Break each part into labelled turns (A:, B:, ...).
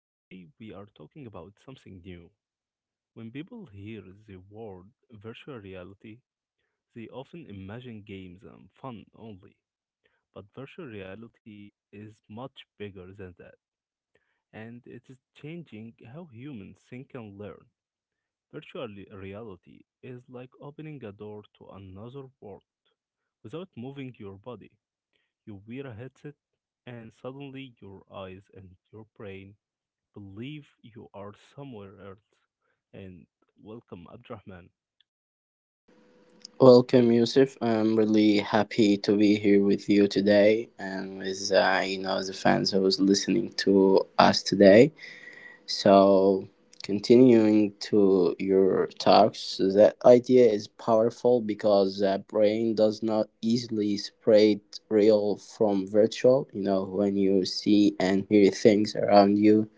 A: Today, we are talking about something new. When people hear the word virtual reality, they often imagine games and fun only. But virtual reality is much bigger than that, and it is changing how humans think and learn. Reality is like opening a door to another world without moving your body. You wear a headset, and suddenly your eyes and your brain believe you are somewhere else. And welcome, Abdurrahman.
B: Welcome, Yusuf. I'm really happy to be here with you today and with the fans who was listening to us today. So, continuing to your talks, that idea is powerful because the brain does not easily separate real from virtual. You know, when you see and hear things around you,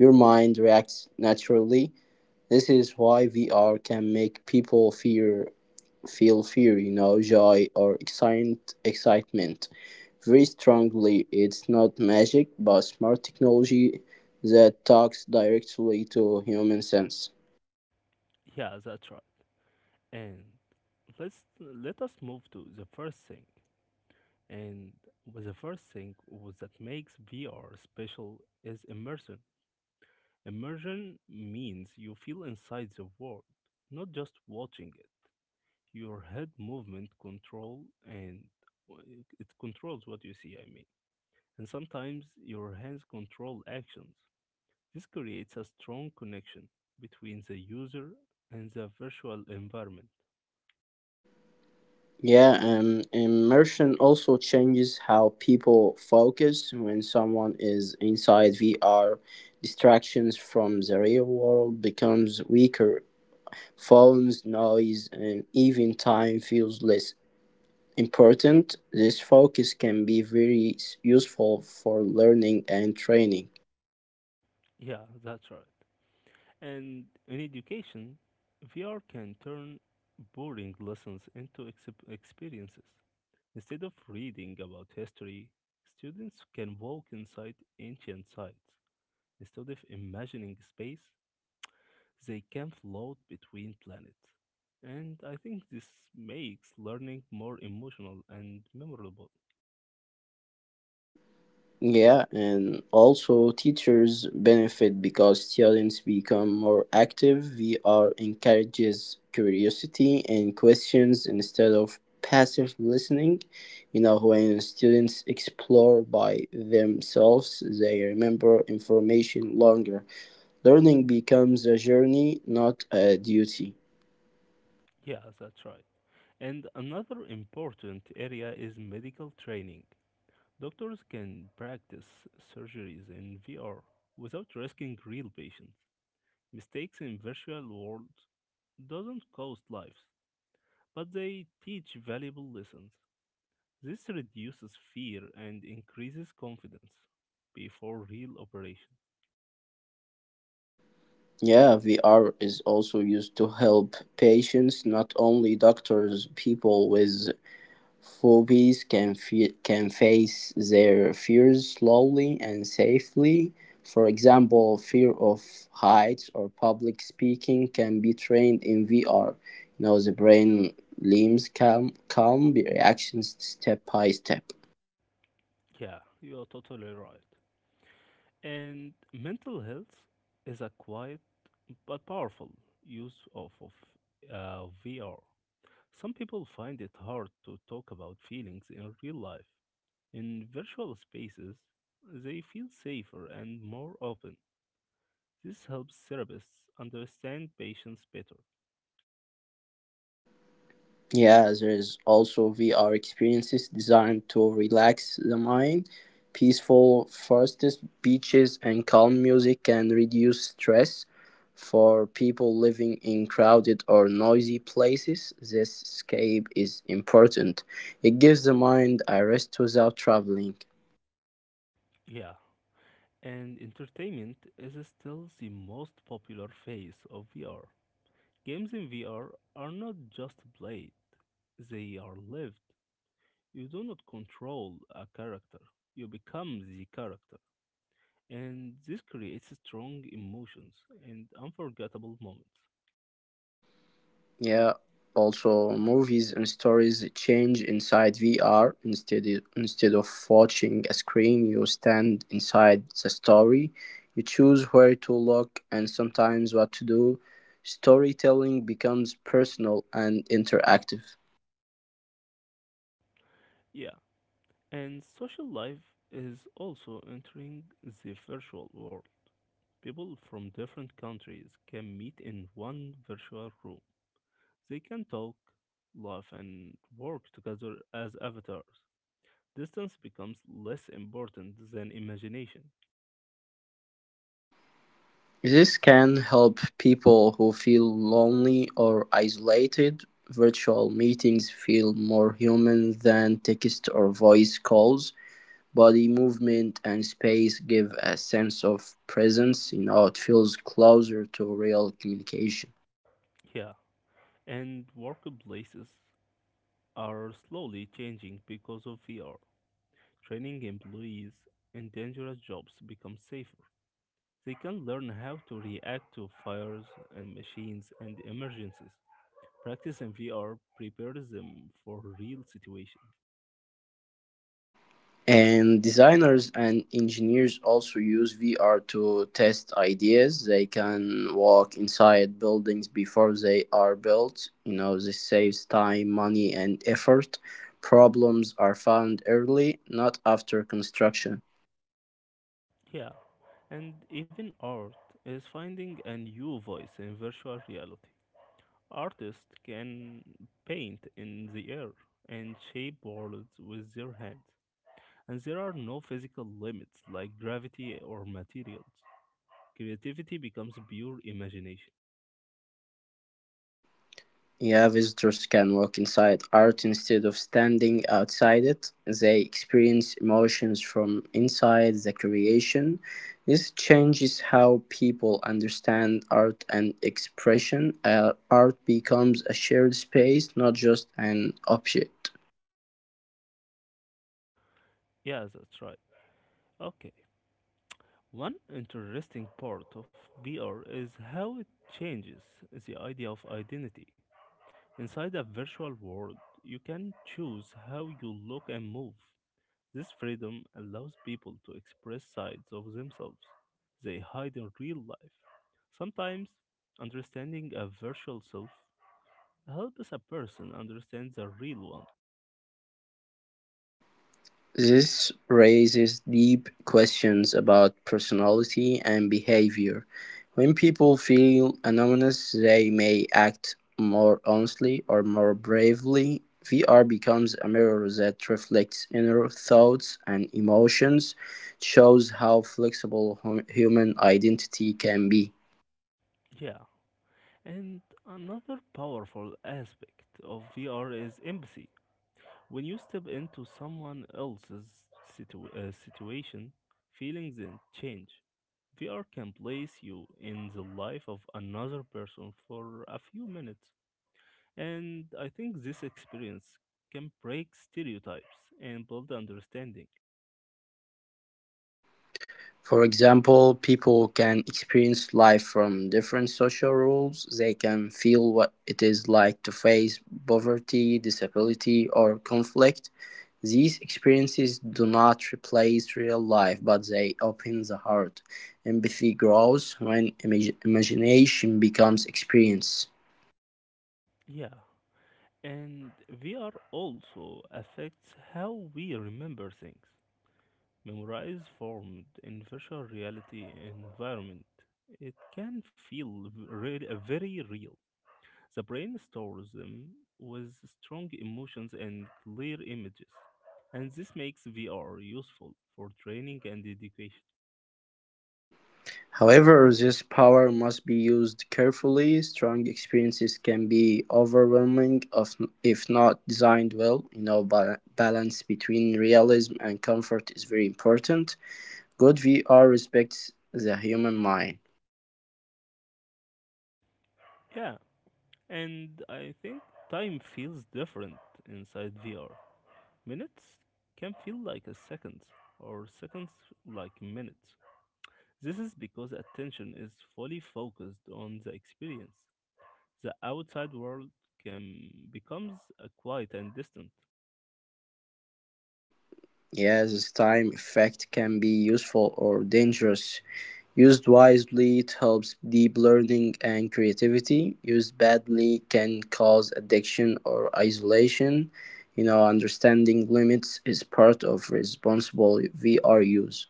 B: your mind reacts naturally. This is why VR can make people fear feel fear, you know, joy or excitement very strongly. It's not magic, but smart technology that talks directly to human sense.
A: Yeah, that's right. And let us move to the first thing. And with the first thing was that makes VR special is immersion. Immersion means you feel inside the world, not just watching it. Your head movement control and it controls what you see. And sometimes your hands control actions. This creates a strong connection between the user and the virtual environment.
B: Yeah, Immersion also changes how people focus when someone is inside VR. Distractions from the real world becomes weaker. Phones, noise, and even time feels less important. This focus can be useful for learning and training.
A: Yeah, that's right. And in education, VR can turn boring lessons into experiences. Instead of reading about history, students can walk inside ancient sites. Instead of imagining space, they can float between planets, and I think this makes learning more emotional and memorable.
B: Yeah, and also teachers benefit because students become more active. VR encourages curiosity and questions instead of passive listening. You know, when students explore by themselves, they remember information longer. Learning becomes a journey, not a duty.
A: Yeah, that's right. And another important area is medical training. Doctors can practice surgeries in VR without risking real patients. Mistakes in virtual world doesn't cost lives, but they teach valuable lessons. This reduces fear and increases confidence before real operations.
B: Yeah, VR is also used to help patients, not only doctors. People with phobias can face their fears slowly and safely. For example, fear of heights or public speaking can be trained in VR. You know, the brain limbs calm the reactions step by step.
A: Yeah, you're totally right. And mental health is a quiet but powerful use of VR. Some people find it hard to talk about feelings in real life. In virtual spaces, they feel safer and more open. This helps therapists understand patients better.
B: Yeah, there is also VR experiences designed to relax the mind. Peaceful forests, beaches, and calm music can reduce stress. For people living in crowded or noisy places, this escape is important. It gives the mind a rest without traveling.
A: Yeah, and entertainment is still the most popular phase of VR. Games in VR are not just played, they are lived. You do not control a character, you become the character. And this creates strong emotions and unforgettable moments.
B: Yeah. Also, movies and stories change inside VR. Instead of watching a screen, you stand inside the story. You choose where to look and sometimes what to do. Storytelling becomes personal and interactive.
A: Yeah, and social life is also entering the virtual world. People from different countries can meet in one virtual room. They can talk, laugh, and work together as avatars. Distance becomes less important than imagination.
B: This can help people who feel lonely or isolated. Virtual meetings feel more human than text or voice calls. Body movement and space give a sense of presence. You know, it feels closer to real communication.
A: Yeah, and workplaces are slowly changing because of VR. Training employees in dangerous jobs becomes safer. They can learn how to react to fires and machines and emergencies. Practice in VR prepares them for real situations.
B: And designers and engineers also use VR to test ideas. They can walk inside buildings before they are built. You know, this saves time, money, and effort. Problems are found early, not after construction.
A: Yeah, and even art is finding a new voice in virtual reality. Artists can paint in the air and shape worlds with their hands. And there are no physical limits like gravity or materials. Creativity becomes pure imagination.
B: Yeah, visitors can walk inside art instead of standing outside it. They experience emotions from inside the creation. This changes how people understand art and expression. Art becomes a shared space, not just an object.
A: Yeah, that's right. Okay. One interesting part of VR is how it changes the idea of identity. Inside a virtual world, you can choose how you look and move. This freedom allows people to express sides of themselves they hide in real life. Sometimes, understanding a virtual self, how does a person understand the real one?
B: This raises deep questions about personality and behavior. When people feel anonymous, they may act more honestly or more bravely. VR becomes a mirror that reflects inner thoughts and emotions. It shows how flexible human identity can be.
A: Yeah. And another powerful aspect of VR is empathy. When you step into someone else's situation, feelings and change. VR can place you in the life of another person for a few minutes. And I think this experience can break stereotypes and build understanding.
B: For example, people can experience life from different social roles. They can feel what it is like to face poverty, disability, or conflict. These experiences do not replace real life, but they open the heart. Empathy grows when imagination becomes experience.
A: Yeah. And VR also affects how we remember things. Memorize formed in virtual reality environment. It can feel very real. The brain stores them with strong emotions and clear images. And this makes VR useful for training and education.
B: However, this power must be used carefully; strong experiences can be overwhelming if not designed well. You know, balance between realism and comfort is very important. Good VR respects the human mind.
A: Yeah, and I think time feels different inside VR. Minutes can feel like a second, or seconds like minutes. This is because attention is fully focused on the experience. The outside world can becomes a quiet and distant.
B: Yes, this time effect can be useful or dangerous. Used wisely, it helps deep learning and creativity. Used badly, can cause addiction or isolation. You know, understanding limits is part of responsible VR use.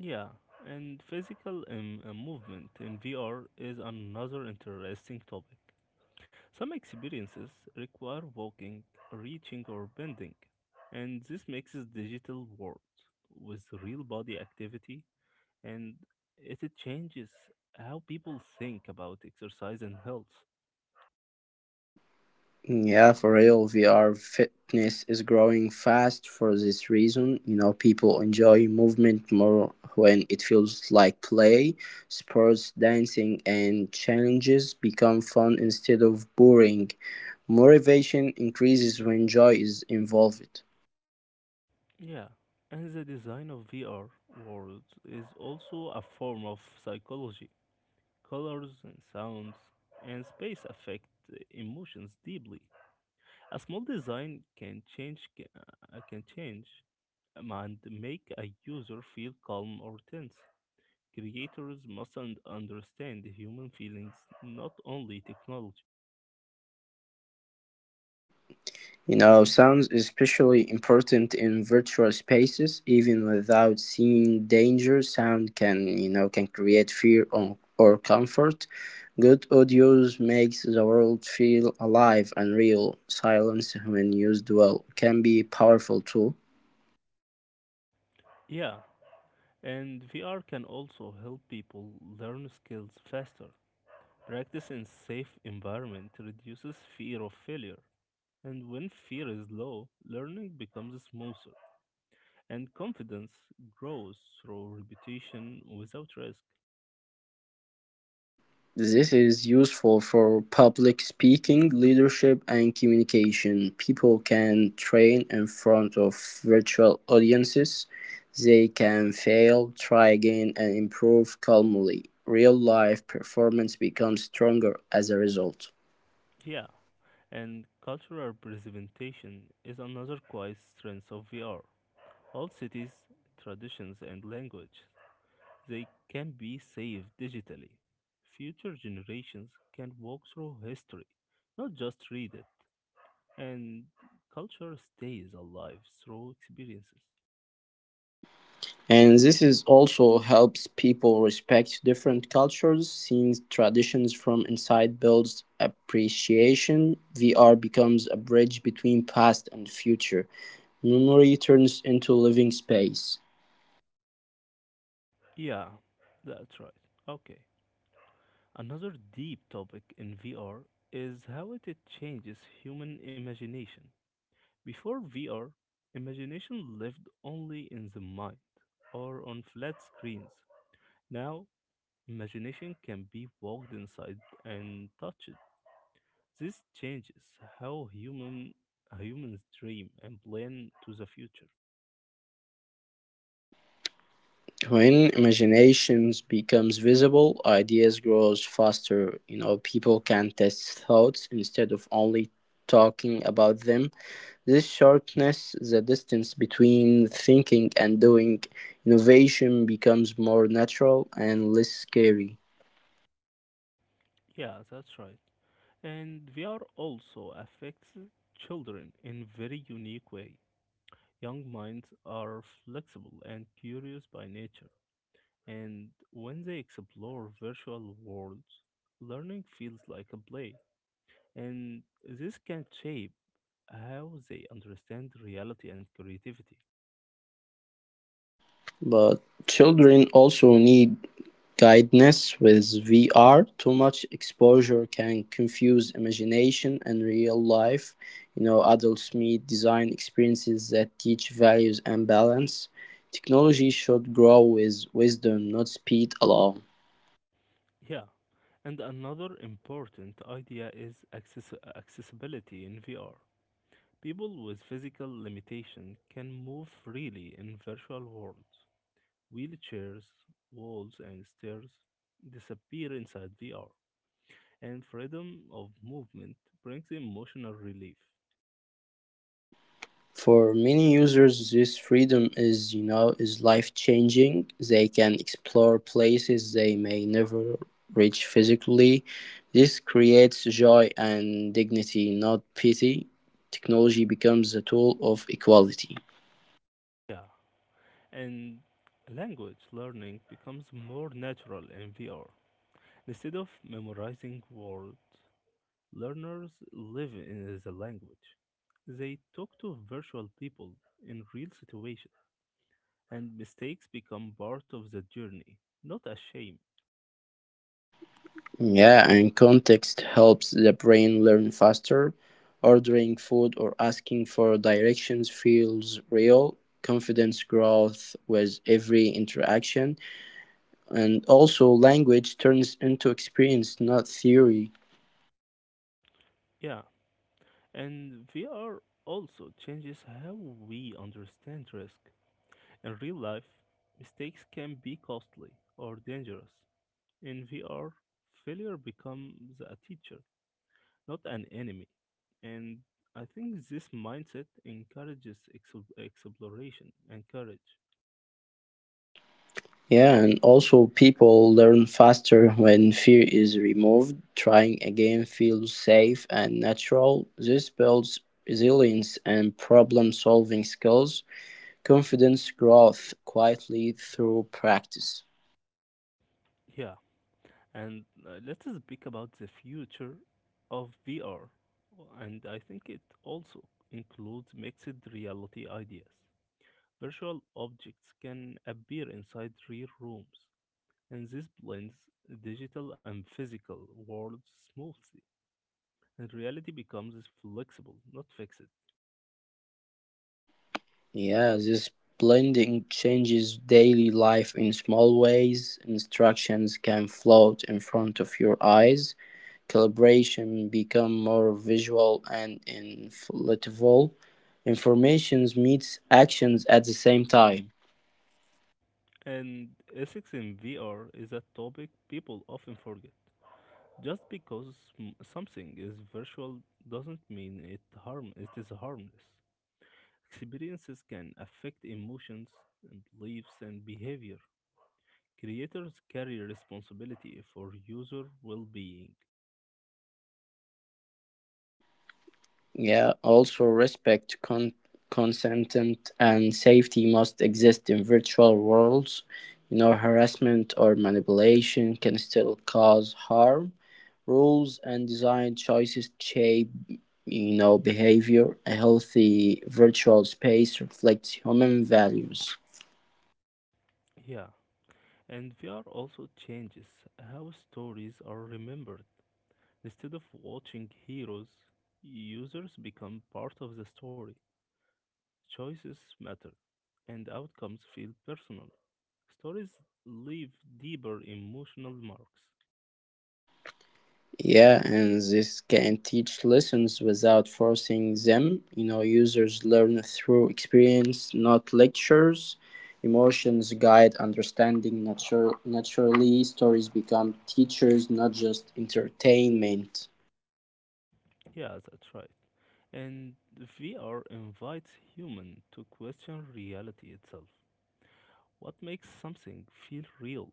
A: Yeah, and physical movement in VR is another interesting topic. Some experiences require walking, reaching, or bending, and this mixes digital world with real body activity, and it changes how people think about exercise and health.
B: Yeah, for real, VR fitness is growing fast for this reason. You know, people enjoy movement more when it feels like play. Sports, dancing, and challenges become fun instead of boring. Motivation increases when joy is involved.
A: Yeah, and the design of VR worlds is also a form of psychology. Colors and sounds and space affect emotions deeply. A small design can change and make a user feel calm or tense. Creators must understand human feelings, not only technology.
B: You know, sound is especially important in virtual spaces. Even without seeing danger, sound can can create fear or comfort. Good audio makes the world feel alive and real. Silence, when used well, can be a powerful tool.
A: Yeah, and VR can also help people learn skills faster. Practice in safe environment reduces fear of failure. And when fear is low, learning becomes smoother. And confidence grows through repetition without risk.
B: This is useful for public speaking, leadership, and communication. People can train in front of virtual audiences. They can fail, try again, and improve calmly. Real life performance becomes stronger as a result.
A: Yeah, and cultural presentation is another quiet strength of VR. All cities, traditions, and language, they can be saved digitally. Future generations can walk through history, not just read it, and culture stays alive through experiences.
B: And this is also helps people respect different cultures. Seeing traditions from inside builds appreciation. VR becomes a bridge between past and future. Memory turns into living space.
A: Yeah, that's right. Okay. Another deep topic in VR is how it changes human imagination. Before VR, imagination lived only in the mind or on flat screens. Now, imagination can be walked inside and touched. This changes how humans dream and plan to the future.
B: When imagination becomes visible, ideas grow faster. You know, people can test thoughts instead of only talking about them. This sharpness, the distance between thinking and doing, innovation becomes more natural and less scary.
A: Yeah, that's right. And VR also affects children in a very unique way. Young minds are flexible and curious by nature, and when they explore virtual worlds, learning feels like a play. And this can shape how they understand reality and creativity.
B: But children also need guidance with VR. Too much exposure can confuse imagination and real life. You know, adults need design experiences that teach values and balance. Technology should grow with wisdom, not speed alone.
A: Yeah, and another important idea is accessibility in VR. People with physical limitation can move freely in virtual worlds. Wheelchairs, walls, and stairs disappear inside VR, and freedom of movement brings emotional relief.
B: For many users this freedom is, you know, is life-changing. They can explore places they may never reach physically. This creates joy and dignity, not pity. Technology becomes a tool of equality.
A: Yeah, and language learning becomes more natural in VR. Instead of memorizing words, learners live in the language. They talk to virtual people in real situations, and mistakes become part of the journey, not a shame.
B: Yeah, and context helps the brain learn faster. Ordering food or asking for directions feels real. Confidence growth with every interaction. And also language turns into experience, not theory.
A: Yeah, and VR also changes how we understand risk. In real life, mistakes can be costly or dangerous. In VR, failure becomes a teacher, not an enemy. And I think this mindset encourages exploration and courage.
B: Yeah, and also people learn faster when fear is removed. Trying again feels safe and natural. This builds resilience and problem solving skills. Confidence growth quietly through practice.
A: Yeah, and let's speak about the future of VR. And I think it also includes mixed reality ideas. Virtual objects can appear inside real rooms, and this blends digital and physical worlds smoothly. And reality becomes flexible, not fixed.
B: Yeah, this blending changes daily life in small ways. Instructions can float in front of your eyes. Calibration become more visual and inflatable. Informations meets actions at the same time.
A: And ethics in VR is a topic people often forget. Just because something is virtual doesn't mean it is harmless. Experiences can affect emotions, beliefs, and behavior. Creators carry responsibility for user well-being.
B: Yeah, also respect, consent, and safety must exist in virtual worlds. You know, harassment or manipulation can still cause harm. Rules and design choices shape, you know, behavior. A healthy virtual space reflects human values.
A: Yeah, and VR also changes how stories are remembered. Instead of watching heroes, users become part of the story. Choices matter, and outcomes feel personal. Stories leave deeper emotional marks.
B: Yeah, and this can teach lessons without forcing them. You know, users learn through experience, not lectures. Emotions guide understanding naturally. Stories become teachers, not just entertainment.
A: Yeah, that's right. And VR invites human to question reality itself. What makes something feel real?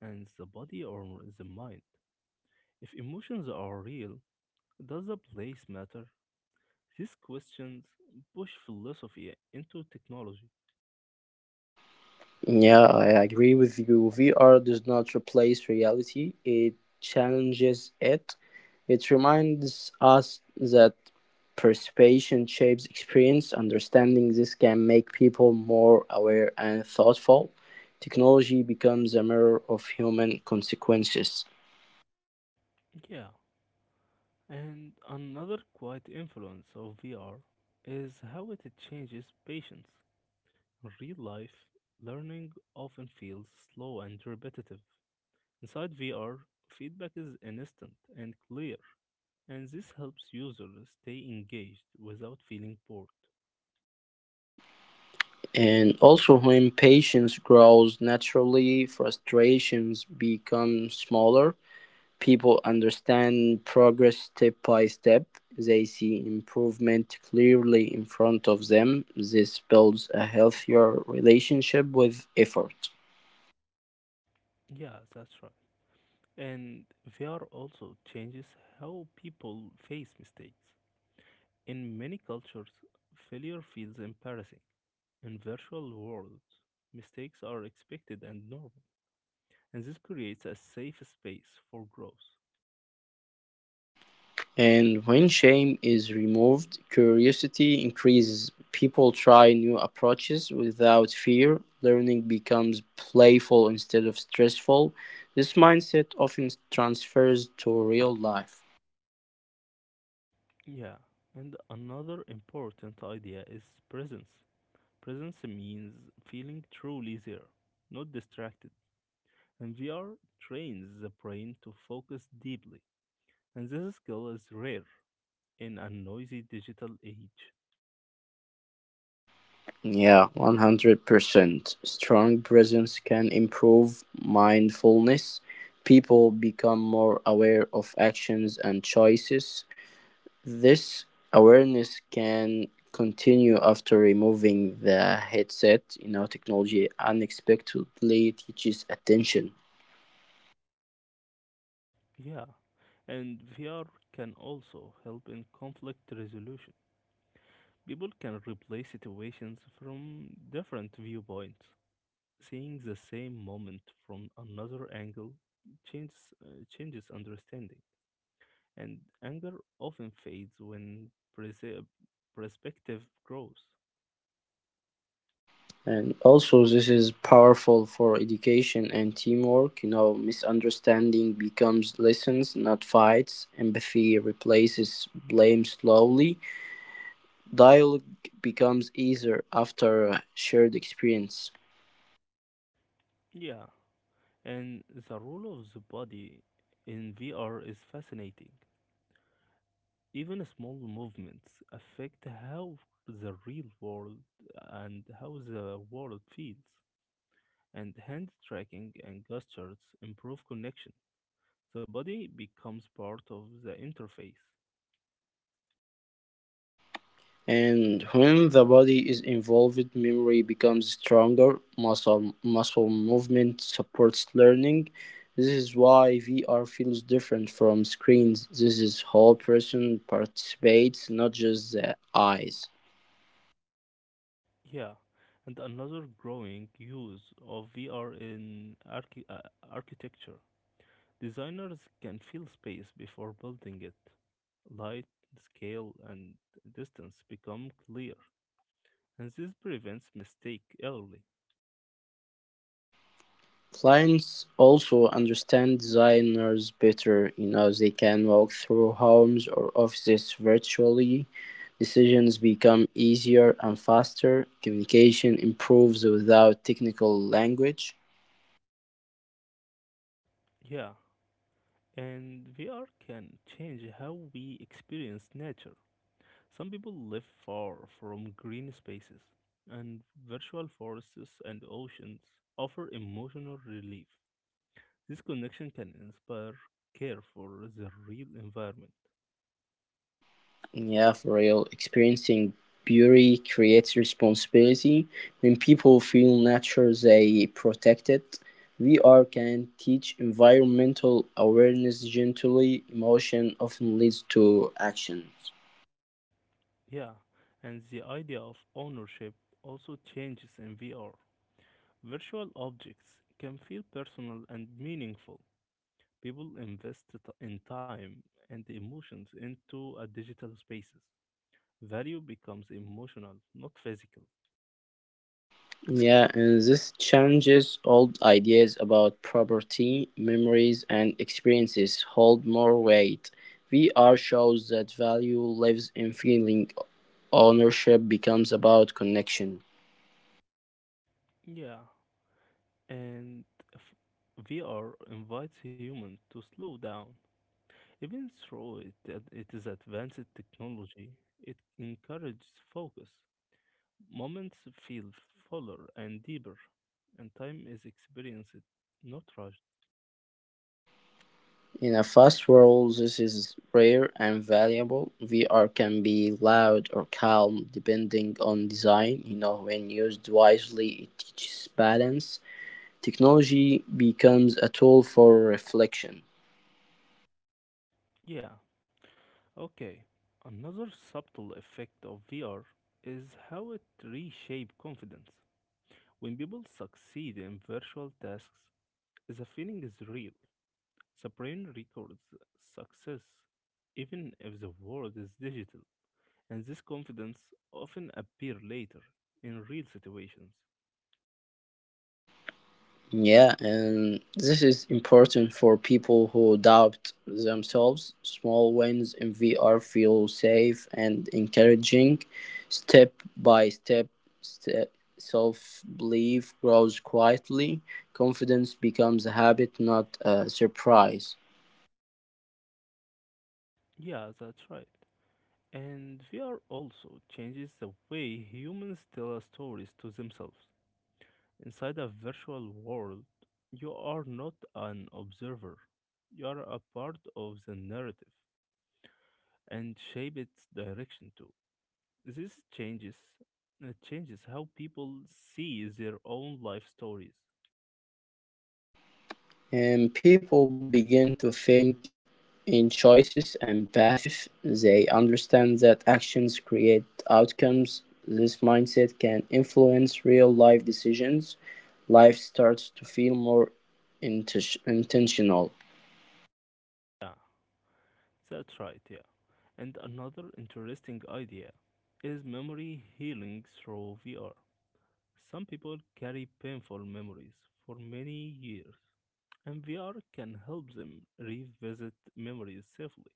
A: And the body or the mind? If emotions are real, does the place matter? These questions push philosophy into technology.
B: Yeah, I agree with you. VR does not replace reality, it challenges it. It reminds us that participation shapes experience. Understanding this can make people more aware and thoughtful. Technology becomes a mirror of human consequences.
A: Yeah, and another quiet influence of VR is how it changes patience. In real life, learning often feels slow and repetitive. Inside VR, feedback is instant and clear, and this helps users stay engaged without feeling bored.
B: And also, when patience grows naturally, frustrations become smaller. People understand progress step by step. They see improvement clearly in front of them. This builds a healthier relationship with effort.
A: Yeah, that's right. And VR also changes how people face mistakes. In many cultures, failure feels embarrassing. In virtual worlds, mistakes are expected and normal, and this creates a safe space for growth.
B: And when shame is removed, curiosity increases. People try new approaches without fear. Learning becomes playful instead of stressful. This mindset often transfers to real life.
A: Yeah, and another important idea is presence. Presence means feeling truly there, not distracted. And VR trains the brain to focus deeply, and this skill is rare in a noisy digital age.
B: Yeah, 100%. Strong presence can improve mindfulness. People become more aware of actions and choices. This awareness can continue after removing the headset. You know, technology unexpectedly teaches attention.
A: Yeah, and VR can also help in conflict resolution. People can replay situations from different viewpoints. Seeing the same moment from another angle changes understanding, and anger often fades when perspective grows.
B: And also, this is powerful for education and teamwork. You know, misunderstanding becomes lessons, not fights. Empathy replaces blame slowly. Dialogue becomes easier after shared experience.
A: Yeah, and the role of the body in VR is fascinating. Even small movements affect how the real world and how the world feels. And hand tracking and gestures improve connection. The body becomes part of the interface.
B: And when the body is involved, memory becomes stronger. Muscle movement supports learning. This is why VR feels different from screens. This is whole person participates, not just the eyes.
A: Yeah, and another growing use of VR in architecture. Designers can feel space before building it. Light, scale, and distance become clear, and this prevents mistake early.
B: Clients also understand designers better. You know, they can walk through homes or offices virtually. Decisions become easier and faster. Communication improves without technical language.
A: Yeah, and VR can change how we experience nature. Some people live far from green spaces, and virtual forests and oceans offer emotional relief. This connection can inspire care for the real environment.
B: Yeah, for real. Experiencing beauty creates responsibility. When people feel nature, they protect it. VR can teach environmental awareness gently. Emotion often leads to actions.
A: Yeah, and the idea of ownership also changes in VR. Virtual objects can feel personal and meaningful. People invest in time and emotions into a digital spaces. Value becomes emotional, not physical.
B: Yeah, and this challenges old ideas about property, memories, and experiences hold more weight. VR shows that value lives in feeling ownership becomes about connection.
A: Yeah, and f- VR invites humans to slow down. Even though it is advanced technology, it encourages focus. Moments feel fuller and deeper, and time is experienced, not rushed.
B: In a fast world this is rare and valuable. VR can be loud or calm depending on design. You know, when used wisely, it teaches balance. Technology becomes a tool for reflection.
A: Yeah, okay. Another subtle effect of VR is how it reshapes confidence. When people succeed in virtual tasks, the feeling is real. Sabrina records success even if the world is digital, and this confidence often appear later in real situations.
B: Yeah, and this is important for people who doubt themselves. Small wins in VR feel safe and encouraging. Step by step, self belief grows quietly. Confidence becomes a habit, not a surprise.
A: Yeah, that's right. And VR also changes the way humans tell our stories to themselves. Inside a virtual world, you are not an observer. You are a part of the narrative and shape its direction too. This changes how people see their own life stories.
B: And people begin to think in choices and paths. They understand that actions create outcomes. This mindset can influence real life decisions. Life starts to feel more intentional.
A: Yeah, that's right, yeah. And another interesting idea is memory healing through VR. Some people carry painful memories for many years, and VR can help them revisit memories safely.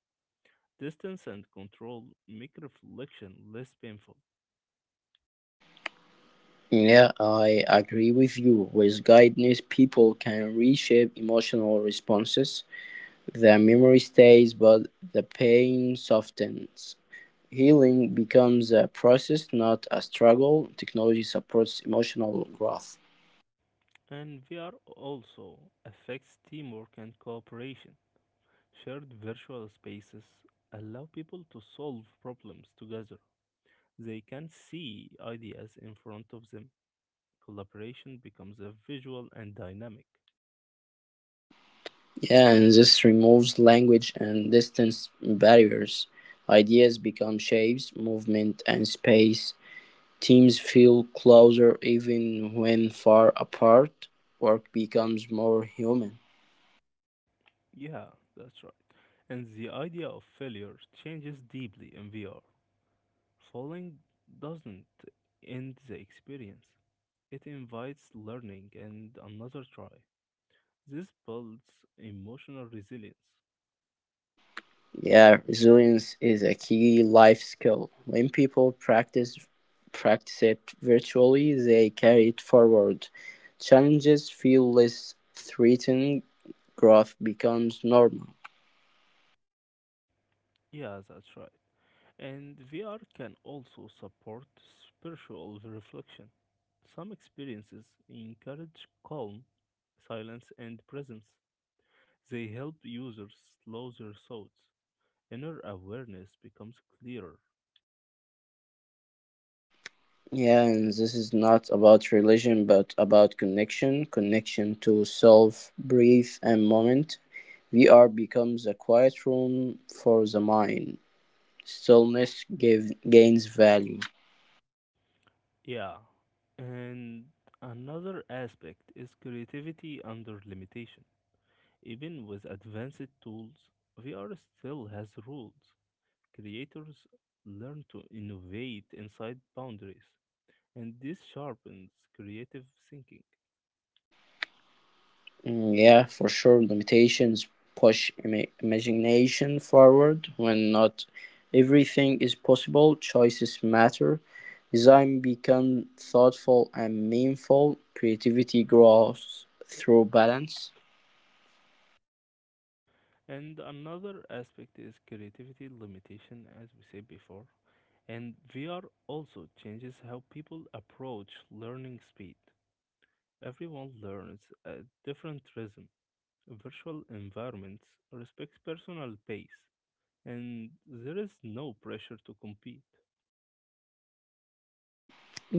A: Distance and control make reflection less painful.
B: Yeah, I agree with you. With guidance, people can reshape emotional responses. The memory stays, but the pain softens. Healing becomes a process, not a struggle. Technology supports emotional growth.
A: And VR also affects teamwork and cooperation. Shared virtual spaces allow people to solve problems together. They can see ideas in front of them. Collaboration becomes a visual and dynamic.
B: Yeah, and this removes language and distance barriers. Ideas become shapes, movement, and space. Teams feel closer even when far apart. Work becomes more human.
A: Yeah, that's right. And the idea of failure changes deeply in VR. Falling doesn't end the experience, it invites learning and another try. This builds emotional resilience.
B: Yeah, resilience is a key life skill. When people practice it virtually, they carry it forward. Challenges feel less threatening, growth becomes normal.
A: Yeah, that's right. And VR can also support spiritual reflection. Some experiences encourage calm, silence, and presence. They help users slow their thoughts. Inner awareness becomes clearer.
B: Yeah, and this is not about religion but about connection, connection to self, breath and moment. VR becomes a quiet room for the mind. Stillness gains value.
A: Yeah. And another aspect is creativity under limitation. Even with advanced tools, VR still has rules. Creators learn to innovate inside boundaries, and this sharpens creative thinking.
B: Yeah, for sure, limitations push imagination forward. When not everything is possible, choices matter. Design become thoughtful and meaningful. Creativity grows through balance.
A: And another aspect is creativity limitation, as we said before. And VR also changes how people approach learning speed. Everyone learns at different rhythm. Virtual environments respect personal pace, and there is no pressure to compete.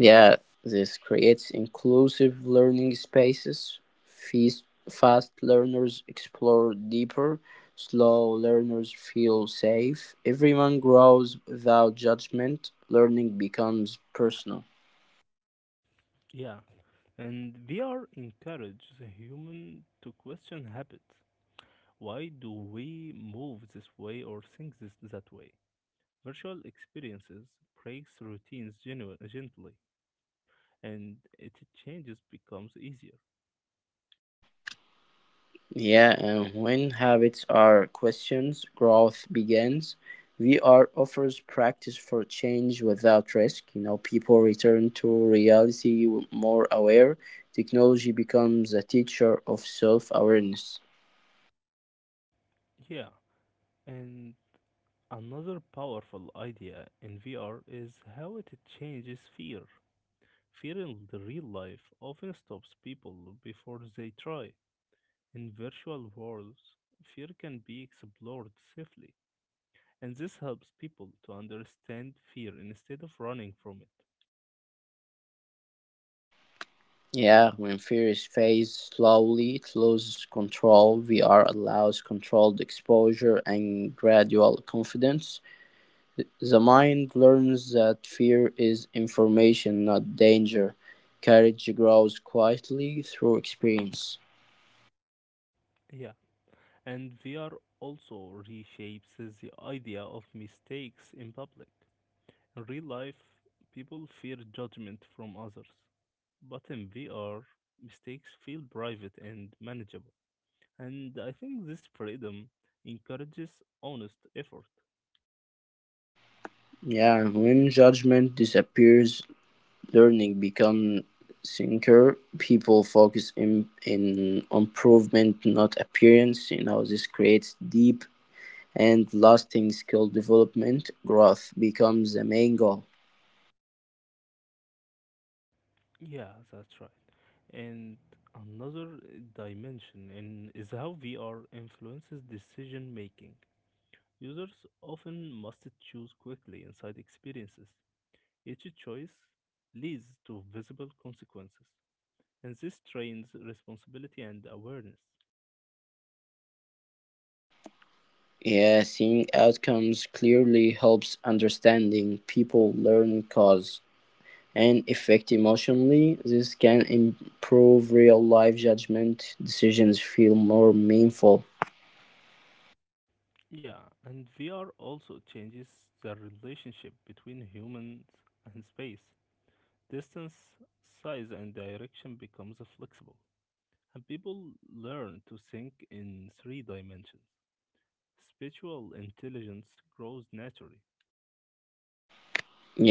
B: Yeah, this creates inclusive learning spaces. Fast learners explore deeper, slow learners feel safe. Everyone grows without judgment. Learning becomes personal.
A: Yeah, and VR encourages a human to question habits. Why do we move this way or think this that way? Virtual experiences breaks routines gently, and it changes becomes easier.
B: Yeah, and when habits are questions, growth begins. VR offers practice for change without risk. You know, people return to reality more aware. Technology becomes a teacher of self awareness.
A: Yeah, and another powerful idea in VR is how it changes fear. Fear in the real life often stops people before they try. In virtual worlds, fear can be explored safely, and this helps people to understand fear instead of running from it.
B: Yeah, when fear is faced slowly, it loses control. VR allows controlled exposure and gradual confidence. The mind learns that fear is information, not danger. Courage grows quietly through experience.
A: Yeah, and VR also reshapes the idea of mistakes in public. In real life, people fear judgment from others, but in VR, mistakes feel private and manageable. And I think this freedom encourages honest effort.
B: Yeah, and when judgment disappears, learning becomes sincere. People focus in improvement, not appearance. You know, this creates deep and lasting skill development. Growth becomes the main goal.
A: Yeah, that's right. And another dimension in is how VR influences decision making. Users often must choose quickly inside experiences. Each choice leads to visible consequences, and this trains responsibility and awareness.
B: Yeah, seeing outcomes clearly helps understanding. People learn cause and affect emotionally. This can improve real life judgment. Decisions feel more meaningful.
A: Yeah, and VR also changes the relationship between humans and space. Distance, size, and direction becomes flexible, and people learn to think in three dimensions. Spiritual intelligence grows naturally.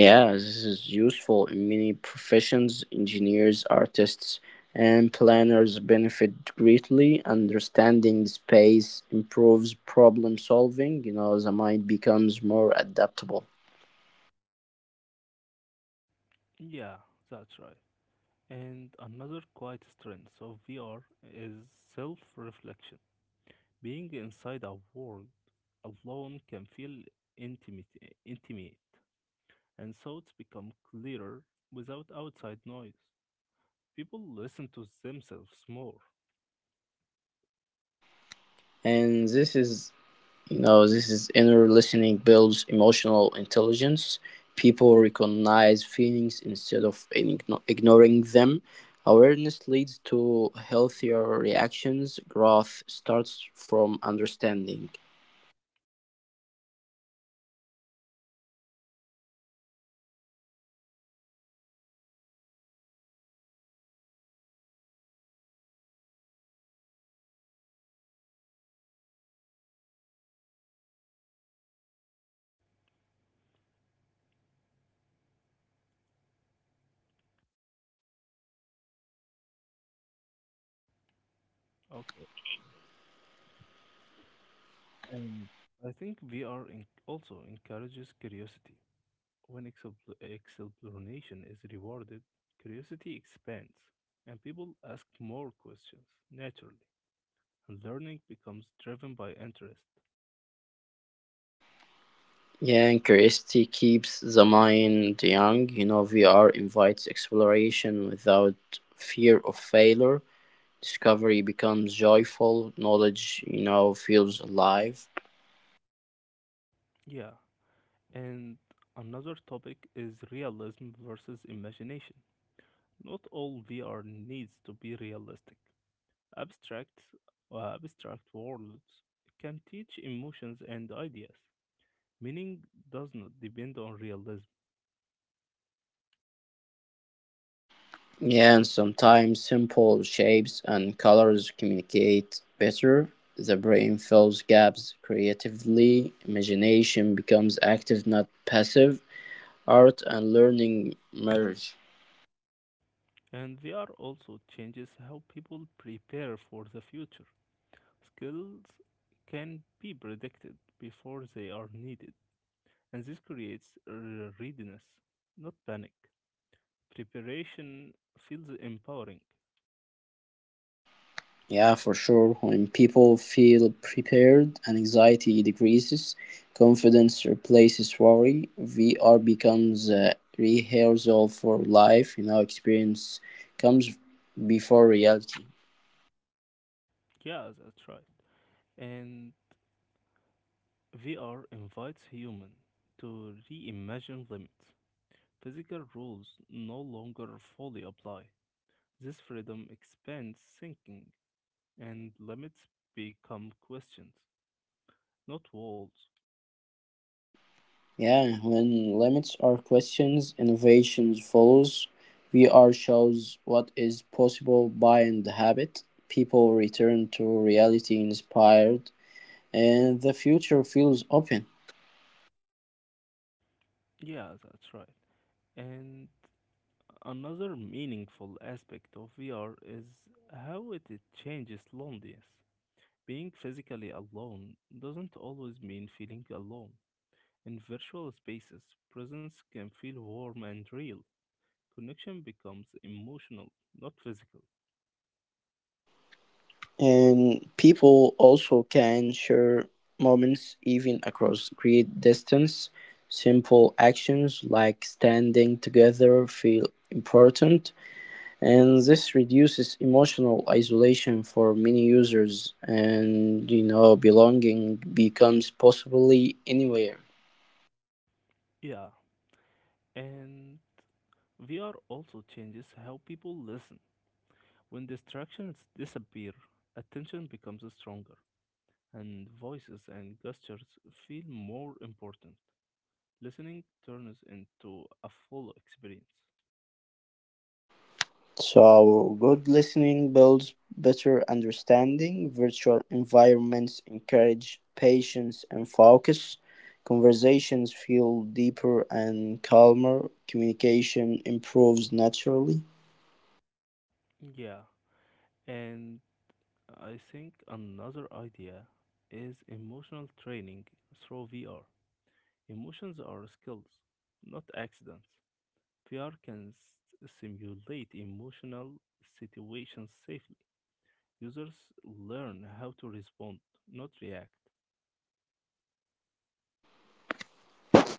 B: Yeah, this is useful in many professions. Engineers, artists, and planners benefit greatly. Understanding space improves problem solving. You know, the mind becomes more adaptable.
A: Yeah, that's right. And another quiet strength of VR is self reflection. Being inside a world alone can feel intimate, intimate, and thoughts become clearer without outside noise. People listen to themselves more.
B: And this is No, this is inner listening builds emotional intelligence. People recognize feelings instead of ignoring them. Awareness leads to healthier reactions. Growth starts from understanding.
A: Okay, and I think VR also encourages curiosity. When exploration is rewarded, curiosity expands, and people ask more questions naturally, and learning becomes driven by interest.
B: Yeah, and curiosity keeps the mind young. You know, VR invites exploration without fear of failure. Discovery becomes joyful. Knowledge, you know, feels alive.
A: Yeah. And another topic is realism versus imagination. Not all VR needs to be realistic. Abstract, abstract worlds can teach emotions and ideas. Meaning does not depend on realism.
B: Yeah, and sometimes simple shapes and colors communicate better. The brain fills gaps creatively, imagination becomes active, not passive, art and learning merge.
A: And VR also changes how people prepare for the future. Skills can be predicted before they are needed, and this creates readiness, not panic. Preparation feels empowering.
B: Yeah, for sure. When people feel prepared, anxiety decreases, confidence replaces worry, VR becomes a rehearsal for life, you know, experience comes before reality.
A: Yeah, that's right. And VR invites human to reimagine limits. Physical rules no longer fully apply. This freedom expands thinking, and limits become questions, not walls.
B: Yeah, when limits are questions, innovations follows. VR shows what is possible by and the habit. People return to reality inspired, and the future feels open.
A: Yeah, that's right. And another meaningful aspect of VR is how it changes loneliness. Being physically alone doesn't always mean feeling alone. In virtual spaces, presence can feel warm and real. Connection becomes emotional, not physical.
B: And people also can share moments even across great distance. Simple actions like standing together feel important, and this reduces emotional isolation for many users, and you know belonging becomes possibly anywhere.
A: Yeah, and VR also changes how people listen. When distractions disappear, attention becomes stronger, and voices and gestures feel more important. Listening turns into a full experience.
B: So good listening builds better understanding. Virtual environments encourage patience and focus. Conversations feel deeper and calmer. Communication improves naturally.
A: Yeah, and I think another idea is emotional training through VR. Emotions are skills, not accidents. VR can simulate emotional situations safely. Users learn how to respond, not react.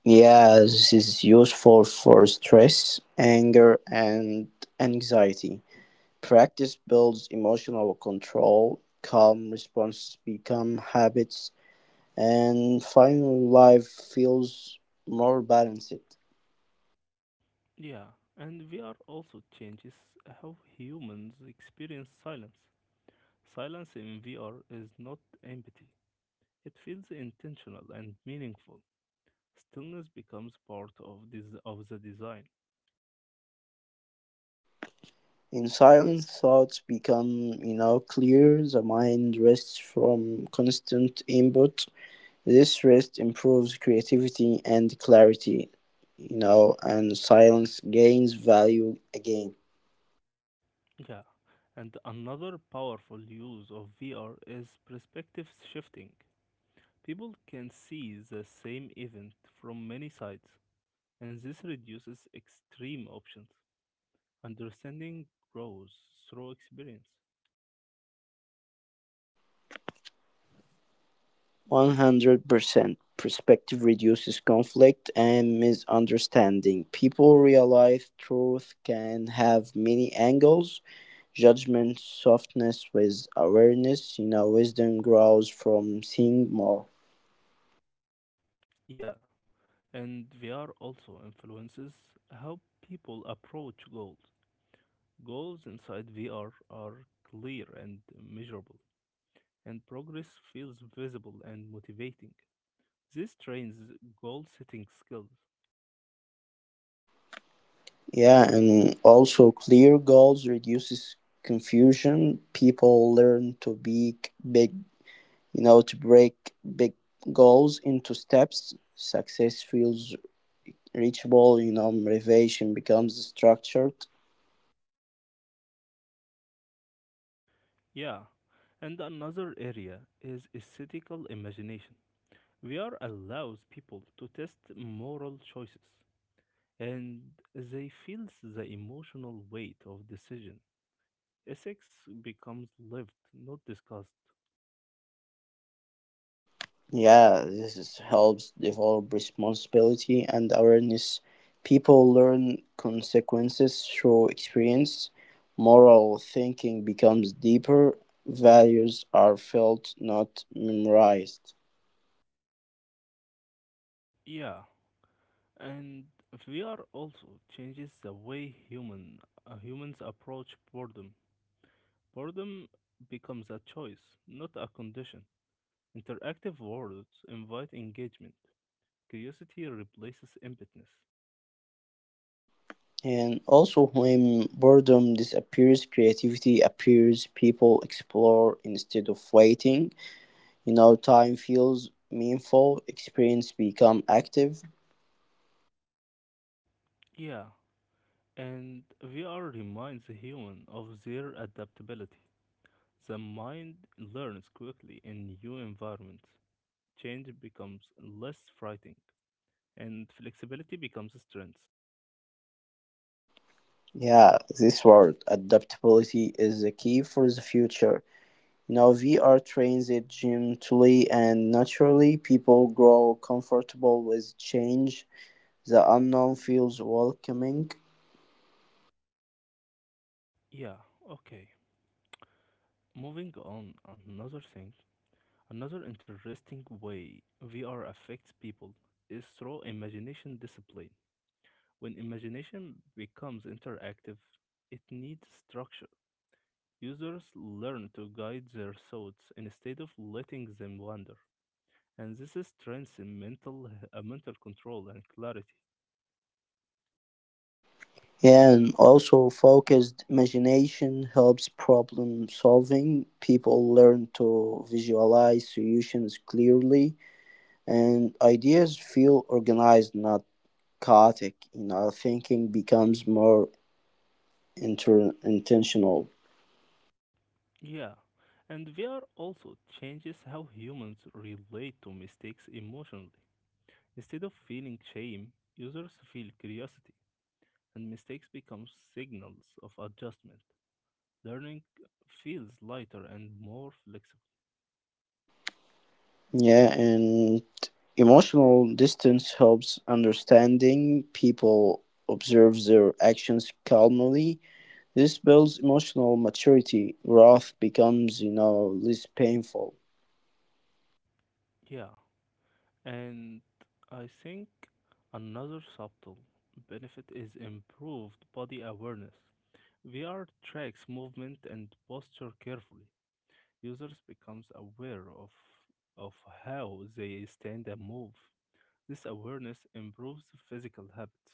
B: Yeah, this is useful for stress, anger and anxiety. Practice builds emotional control, calm responses become habits, and finally life feels more balanced.
A: Yeah, and VR also changes how humans experience silence. Silence in VR is not empty, it feels intentional and meaningful. Stillness becomes part of this of the design.
B: In silence, thoughts become, you know, clear. The mind rests from constant input. This rest improves creativity and clarity, you know, and silence gains value again.
A: Yeah, and another powerful use of VR is perspective shifting. People can see the same event from many sides, and this reduces extreme options. Understanding grows through experience.
B: 100%. Perspective reduces conflict and misunderstanding. People realize truth can have many angles. Judgment softness with awareness. You know, wisdom grows from seeing more.
A: Yeah, and VR also influences how people approach goals. Goals inside VR are clear and measurable, and progress feels visible and motivating. This trains goal setting skills.
B: Yeah, and also clear goals reduces confusion. People learn to be big, you know, to break big goals into steps. Success feels reachable, you know, motivation becomes structured.
A: Yeah, and another area is aesthetical imagination. VR allows people to test moral choices and they feel the emotional weight of decision. Ethics becomes lived, not discussed.
B: Yeah, helps develop responsibility and awareness. People learn consequences through experience. Moral thinking becomes deeper. Values are felt, not memorized.
A: Yeah, and VR also changes the way humans approach boredom. Boredom becomes a choice, not a condition. Interactive worlds invite engagement. Curiosity replaces emptiness.
B: And also when boredom disappears, creativity appears. People explore instead of waiting. You know, time feels meaningful, experience become active.
A: Yeah, and VR reminds the human of their adaptability. The mind learns quickly in new environments. Change becomes less frightening, and flexibility becomes strength.
B: Yeah, this word adaptability is the key for the future. Now VR trains it gently and naturally. People grow comfortable with change. The unknown feels welcoming.
A: Yeah, okay. Moving on, another thing Another interesting way VR affects people is through imagination discipline. When imagination becomes interactive, it needs structure. Users learn to guide their thoughts instead of letting them wander, and this strengthens mental control and clarity.
B: And also focused imagination helps problem solving. People learn to visualize solutions clearly, and ideas feel organized, not chaotic. You know, thinking becomes more intentional.
A: Yeah, and VR also changes how humans relate to mistakes emotionally. Instead of feeling shame, users feel curiosity, and mistakes become signals of adjustment. Learning feels lighter and more flexible.
B: Yeah, and emotional distance helps understanding. People observe their actions calmly. This builds emotional maturity. Wrath becomes, you know, less painful.
A: Yeah, and I think another subtle benefit is improved body awareness. VR tracks movement and posture carefully. Users becomes aware of of how they stand and move. This awareness improves physical habits.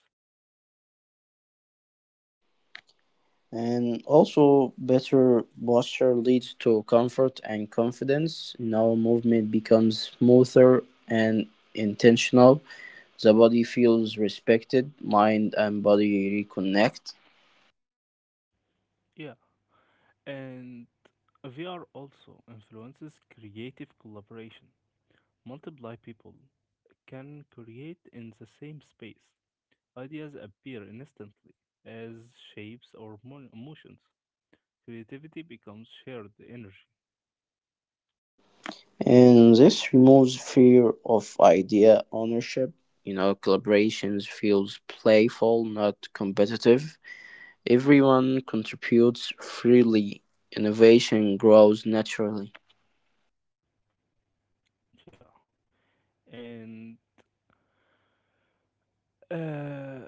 B: And also, better posture leads to comfort and confidence. You know, movement becomes smoother and intentional. The body feels respected, mind and body reconnect.
A: Yeah, and VR also influences creative collaboration. Multiple people can create in the same space. Ideas appear instantly as shapes or motions. Creativity becomes shared energy.
B: And this removes fear of idea ownership. You know, collaborations feels playful, not competitive. Everyone contributes freely. Innovation grows naturally.
A: Yeah. And uh,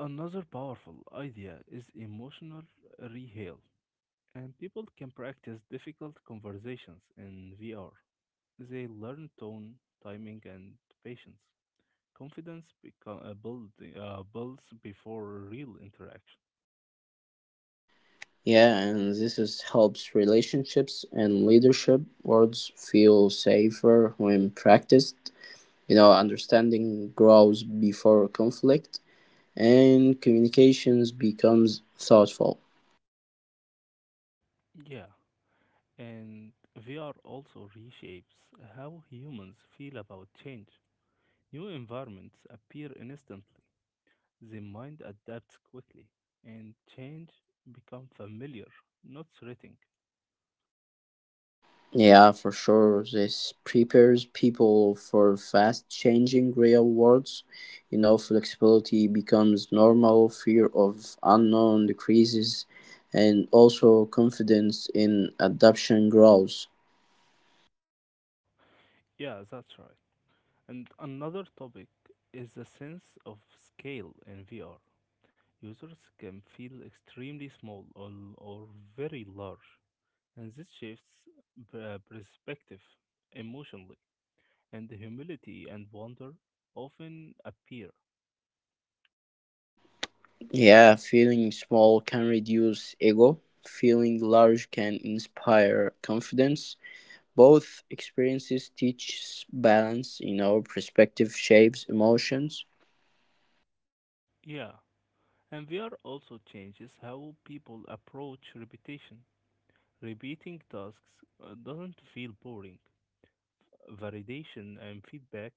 A: another powerful idea is emotional reheal. And people can practice difficult conversations in VR. They learn tone, timing, and patience. Confidence builds before real interaction.
B: Yeah, and this is helps relationships and leadership. Words feel safer when practiced. You know, understanding grows before conflict, and communications becomes thoughtful.
A: Yeah, and VR also reshapes how humans feel about change. New environments appear instantly, the mind adapts quickly, and change become familiar, not threatening.
B: Yeah, for sure. This prepares people for fast changing real worlds. You know, flexibility becomes normal, fear of unknown decreases, and also confidence in adaptation grows.
A: Yeah, that's right. And another topic is the sense of scale in VR. Users can feel extremely small or very large. And this shifts perspective emotionally, and the humility and wonder often appear.
B: Yeah, feeling small can reduce ego, feeling large can inspire confidence. Both experiences teach balance, you know, perspective shapes emotions.
A: Yeah, and VR also changes how people approach repetition. Repeating tasks doesn't feel boring. Validation and feedback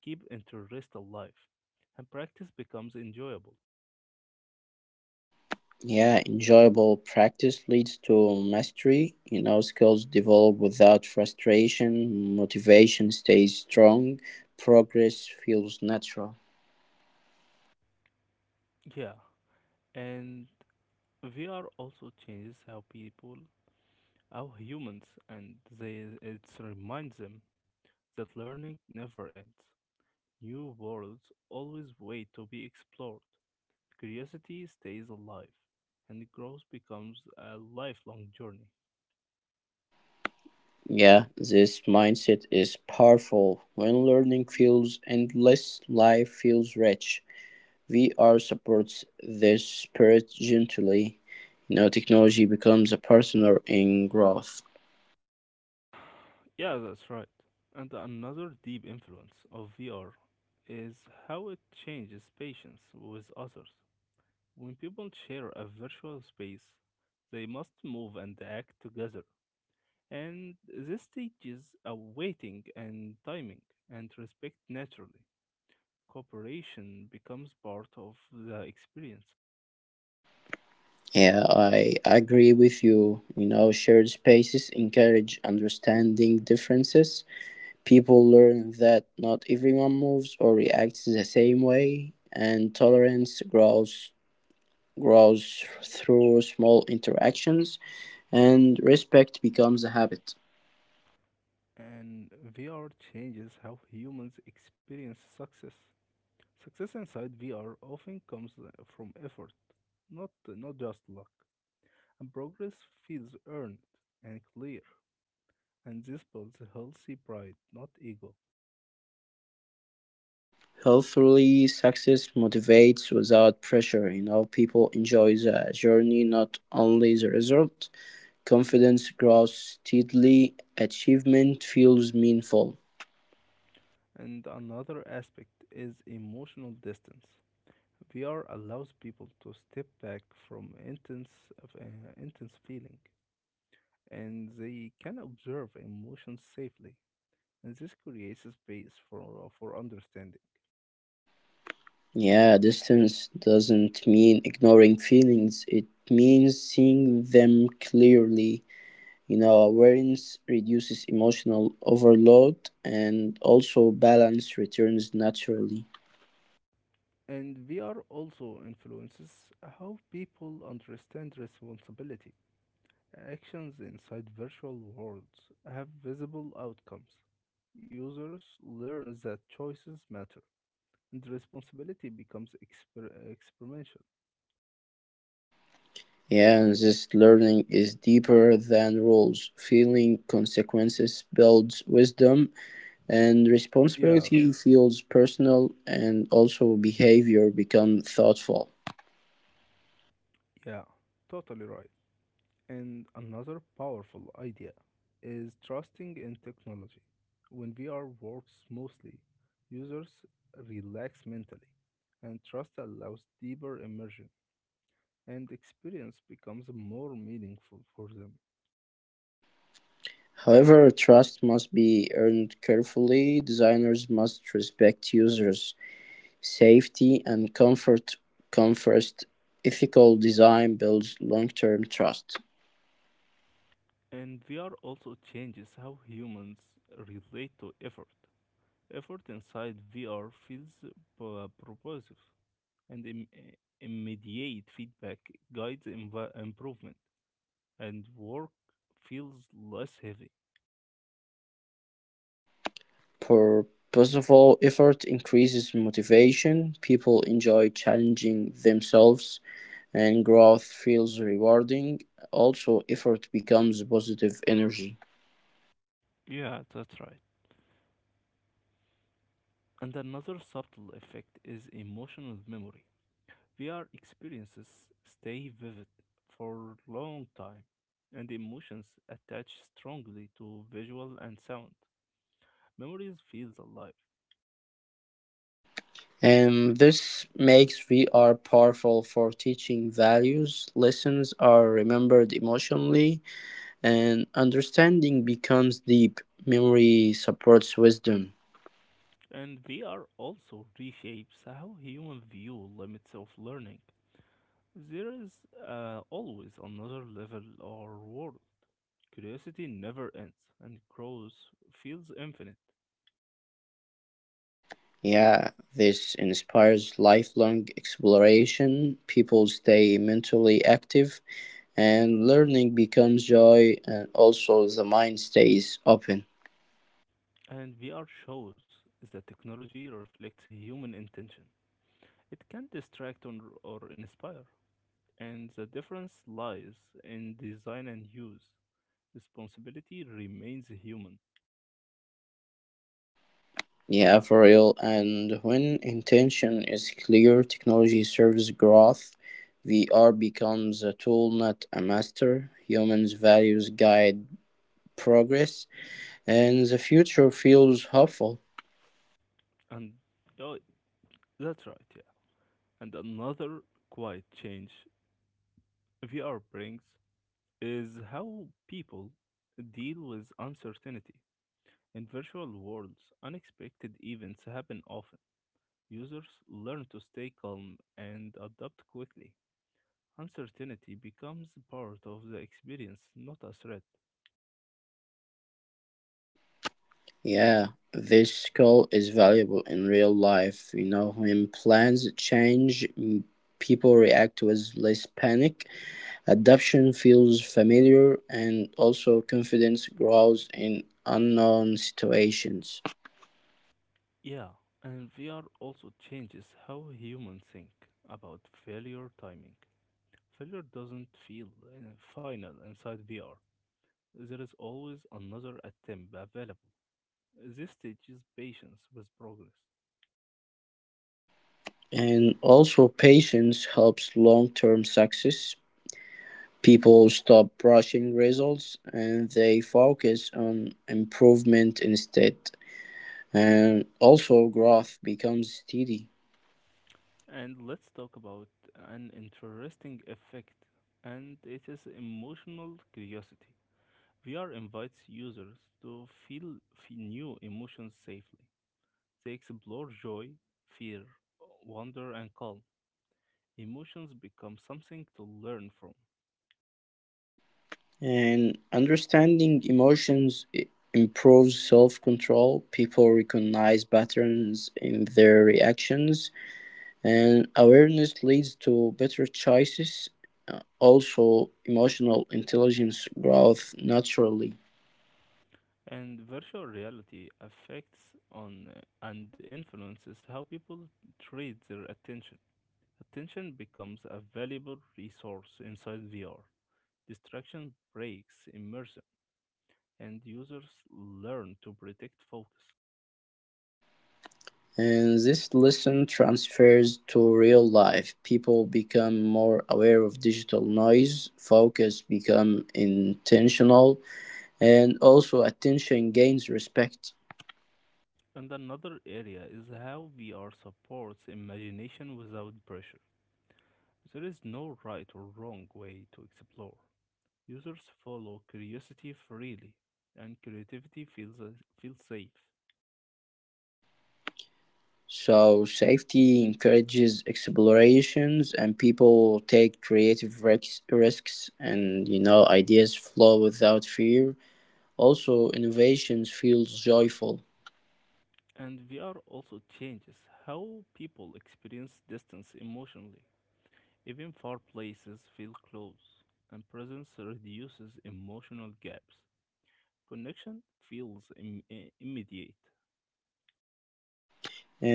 A: keep interest alive, and practice becomes enjoyable.
B: Yeah, enjoyable practice leads to mastery. You know, skills develop without frustration, motivation stays strong, progress feels natural.
A: Yeah, and VR also changes how people, how humans, and they it reminds them that learning never ends. New worlds always wait to be explored. Curiosity stays alive, and growth becomes a lifelong journey.
B: Yeah, this mindset is powerful. When learning feels endless, life feels rich. VR supports this spirit gently. You know, technology becomes a partner in growth.
A: Yeah, that's right. And another deep influence of VR is how it changes patience with others. When people share a virtual space, they must move and act together. And this teaches a waiting and timing and respect naturally. Cooperation becomes part of the experience.
B: Yeah, I agree with you. You know, shared spaces encourage understanding differences. People learn that not everyone moves or reacts the same way, and tolerance grows through small interactions, and respect becomes a habit.
A: And VR changes how humans experience success. Success inside VR often comes from effort, not just luck. And progress feels earned and clear. And this builds a healthy pride, not ego.
B: Healthily, success motivates without pressure. You know, people enjoy the journey, not only the result. Confidence grows steadily, achievement feels meaningful.
A: And another aspect is emotional distance. VR allows people to step back from uh, intense feeling and they can observe emotions safely. And this creates a space for understanding.
B: Yeah, distance doesn't mean ignoring feelings, it means seeing them clearly. You know, awareness reduces emotional overload, and also balance returns naturally.
A: And VR also influences how people understand responsibility. Actions inside virtual worlds have visible outcomes. Users learn that choices matter, and responsibility becomes experimental.
B: Yeah, and this learning is deeper than rules. Feeling consequences builds wisdom, and
A: Yeah, right.
B: responsibility feels personal, and also behavior become thoughtful.
A: Yeah, totally right. And another powerful idea is trusting in technology. When VR works smoothly, users relax mentally, and trust allows deeper immersion, and experience becomes more meaningful for them.
B: However, trust must be earned carefully. Designers must respect users' safety and comfort. Comfort ethical design builds long-term trust.
A: And VR also changes how humans relate to effort. Effort inside VR feels propositive, and immediate feedback guides improvement. And work feels less heavy.
B: Purposeful effort increases motivation. People enjoy challenging themselves, and growth feels rewarding. Also, effort becomes positive energy.
A: Yeah, that's right. And another subtle effect is emotional memory. VR experiences stay vivid for a long time, and emotions attach strongly to visual and sound. Memories feels alive.
B: And this makes VR powerful for teaching values. Lessons are remembered emotionally, and understanding becomes deep. Memory supports wisdom.
A: And VR also reshapes how human view limits of learning. There is always another level or world. Curiosity never ends, and growth feels infinite.
B: Yeah, this inspires lifelong exploration. People stay mentally active, and learning becomes joy, and also the mind stays open.
A: And VR shows that technology reflects human intention. It can distract or inspire, and the difference lies in design and use. Responsibility remains human.
B: Yeah, for real. And when intention is clear, technology serves growth. VR becomes a tool, not a master. Humans' values guide progress, and the future feels hopeful.
A: And oh, that's right, yeah. And another quiet change VR brings is how people deal with uncertainty. In virtual worlds, unexpected events happen often. Users learn to stay calm and adapt quickly. Uncertainty becomes part of the experience, not a threat.
B: Yeah, this skill is valuable in real life. You know, when plans change, people react with less panic. Adoption feels familiar, and also confidence grows in unknown situations.
A: Yeah, and VR also changes how humans think about failure timing. Failure doesn't feel final inside VR. There is always another attempt available. This teaches patience with progress.
B: And also, patience helps long term success. People stop rushing results, and they focus on improvement instead. And also, growth becomes steady.
A: And let's talk about an interesting effect, and it is emotional curiosity. VR invites users to feel new emotions safely. They explore joy, fear, wonder, and calm. Emotions become something to learn from.
B: And understanding emotions improves self control. People recognize patterns in their reactions, and awareness leads to better choices. Also, emotional intelligence growth naturally.
A: And virtual reality affects on and influences how people trade their attention. Attention becomes a valuable resource inside VR. Distraction breaks immersion, and users learn to protect focus.
B: And this lesson transfers to real life. People become more aware of digital noise, focus become intentional, and also attention gains respect.
A: And another area is how VR supports imagination without pressure. There is no right or wrong way to explore. Users follow curiosity freely, and creativity feels safe.
B: So safety encourages explorations, and people take creative risks, and you know ideas flow without fear. Also innovations feels joyful.
A: And VR also changes how people experience distance emotionally. Even far places feel close, and presence reduces emotional gaps. Connection feels immediate.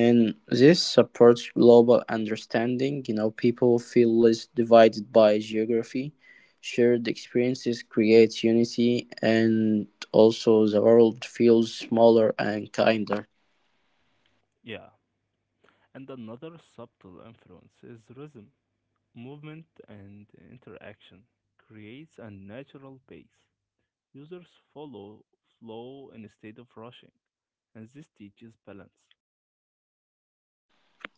B: And this supports global understanding. You know, people feel less divided by geography. Shared experiences create unity, and also the world feels smaller and kinder.
A: Yeah. And another subtle influence is rhythm. Movement and interaction creates a natural pace. Users follow flow instead of rushing, and this teaches balance.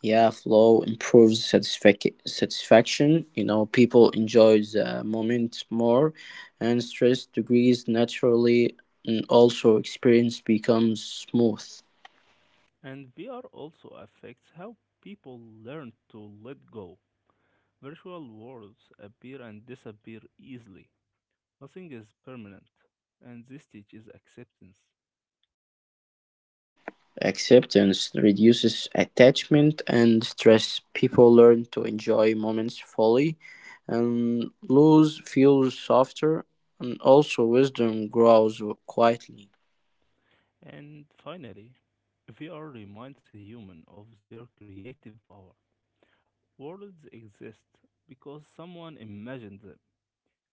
B: Yeah, flow improves satisfaction. You know, people enjoy the moment more, and stress decreases naturally, and also experience becomes smooth.
A: And VR also affects how people learn to let go. Virtual worlds appear and disappear easily. Nothing is permanent, and this teaches acceptance.
B: Acceptance reduces attachment and stress. People learn to enjoy moments fully, and lose feels softer, and also wisdom grows quietly.
A: And finally, VR reminds humans of their creative power. Worlds exist because someone imagined them.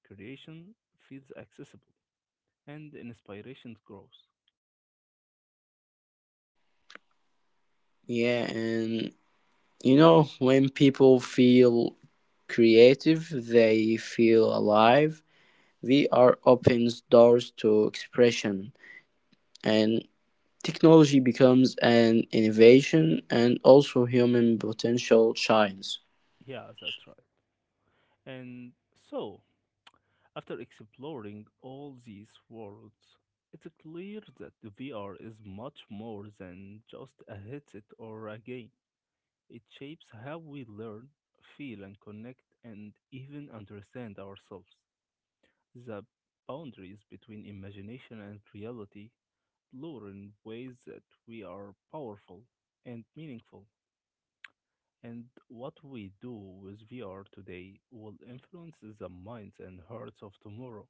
A: Creation feels accessible and inspiration grows.
B: Yeah, and you know, when people feel creative, they feel alive. VR opens doors to expression, and technology becomes an innovation, and also human potential shines.
A: Yeah, that's right. And so, after exploring all these worlds, it's clear that VR is much more than just a headset or a game. It shapes how we learn, feel, and connect, and even understand ourselves. The boundaries between imagination and reality blur in ways that we are powerful and meaningful, and what we do with VR today will influence the minds and hearts of tomorrow.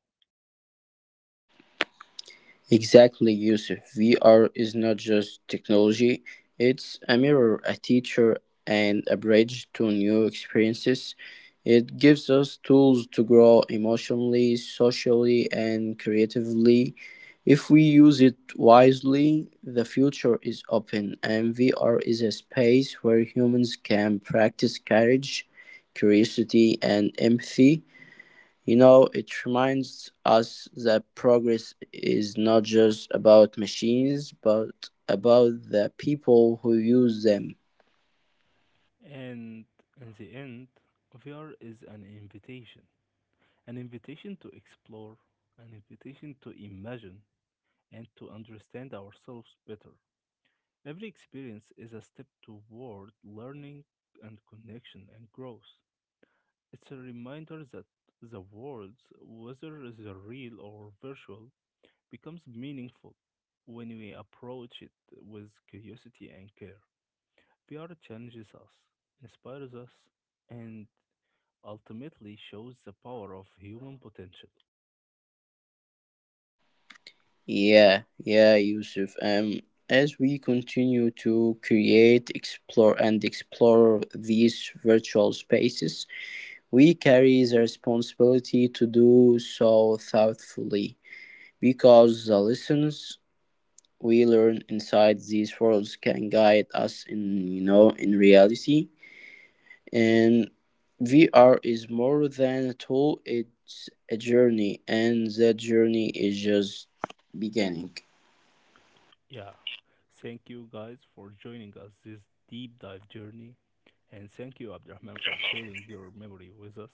B: Exactly, Yusuf. VR is not just technology, it's a mirror, a teacher, and a bridge to new experiences. It gives us tools to grow emotionally, socially, and creatively. If we use it wisely, the future is open, and VR is a space where humans can practice courage, curiosity, and empathy. You know, it reminds us that progress is not just about machines, but about the people who use them.
A: And in the end, VR is an invitation to explore, an invitation to imagine, and to understand ourselves better. Every experience is a step toward learning and connection and growth. It's a reminder that the world, whether the real or virtual, becomes meaningful when we approach it with curiosity and care. VR challenges us, inspires us, and ultimately shows the power of human potential.
B: Yeah, yeah, Yusuf. As we continue to create, explore, and explore these virtual spaces, we carry the responsibility to do so thoughtfully, because the lessons we learn inside these worlds can guide us in, you know, in reality. And VR is more than a tool, it's a journey, and that journey is just beginning.
A: Yeah, thank you guys for joining us this deep dive journey, and thank you, Abdurrahman, for sharing your memory with us.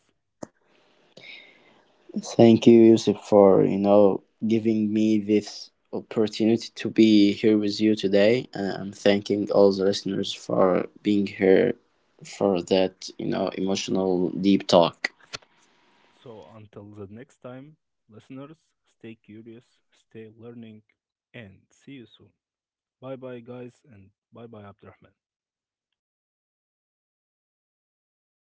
B: Thank you, Yusuf, for you know giving me this opportunity to be here with you today. And I'm thanking all the listeners for being here for that you know emotional deep talk.
A: So, until the next time, listeners, stay curious, stay learning, and see you soon. Bye bye, guys, and bye bye, Abdurrahman.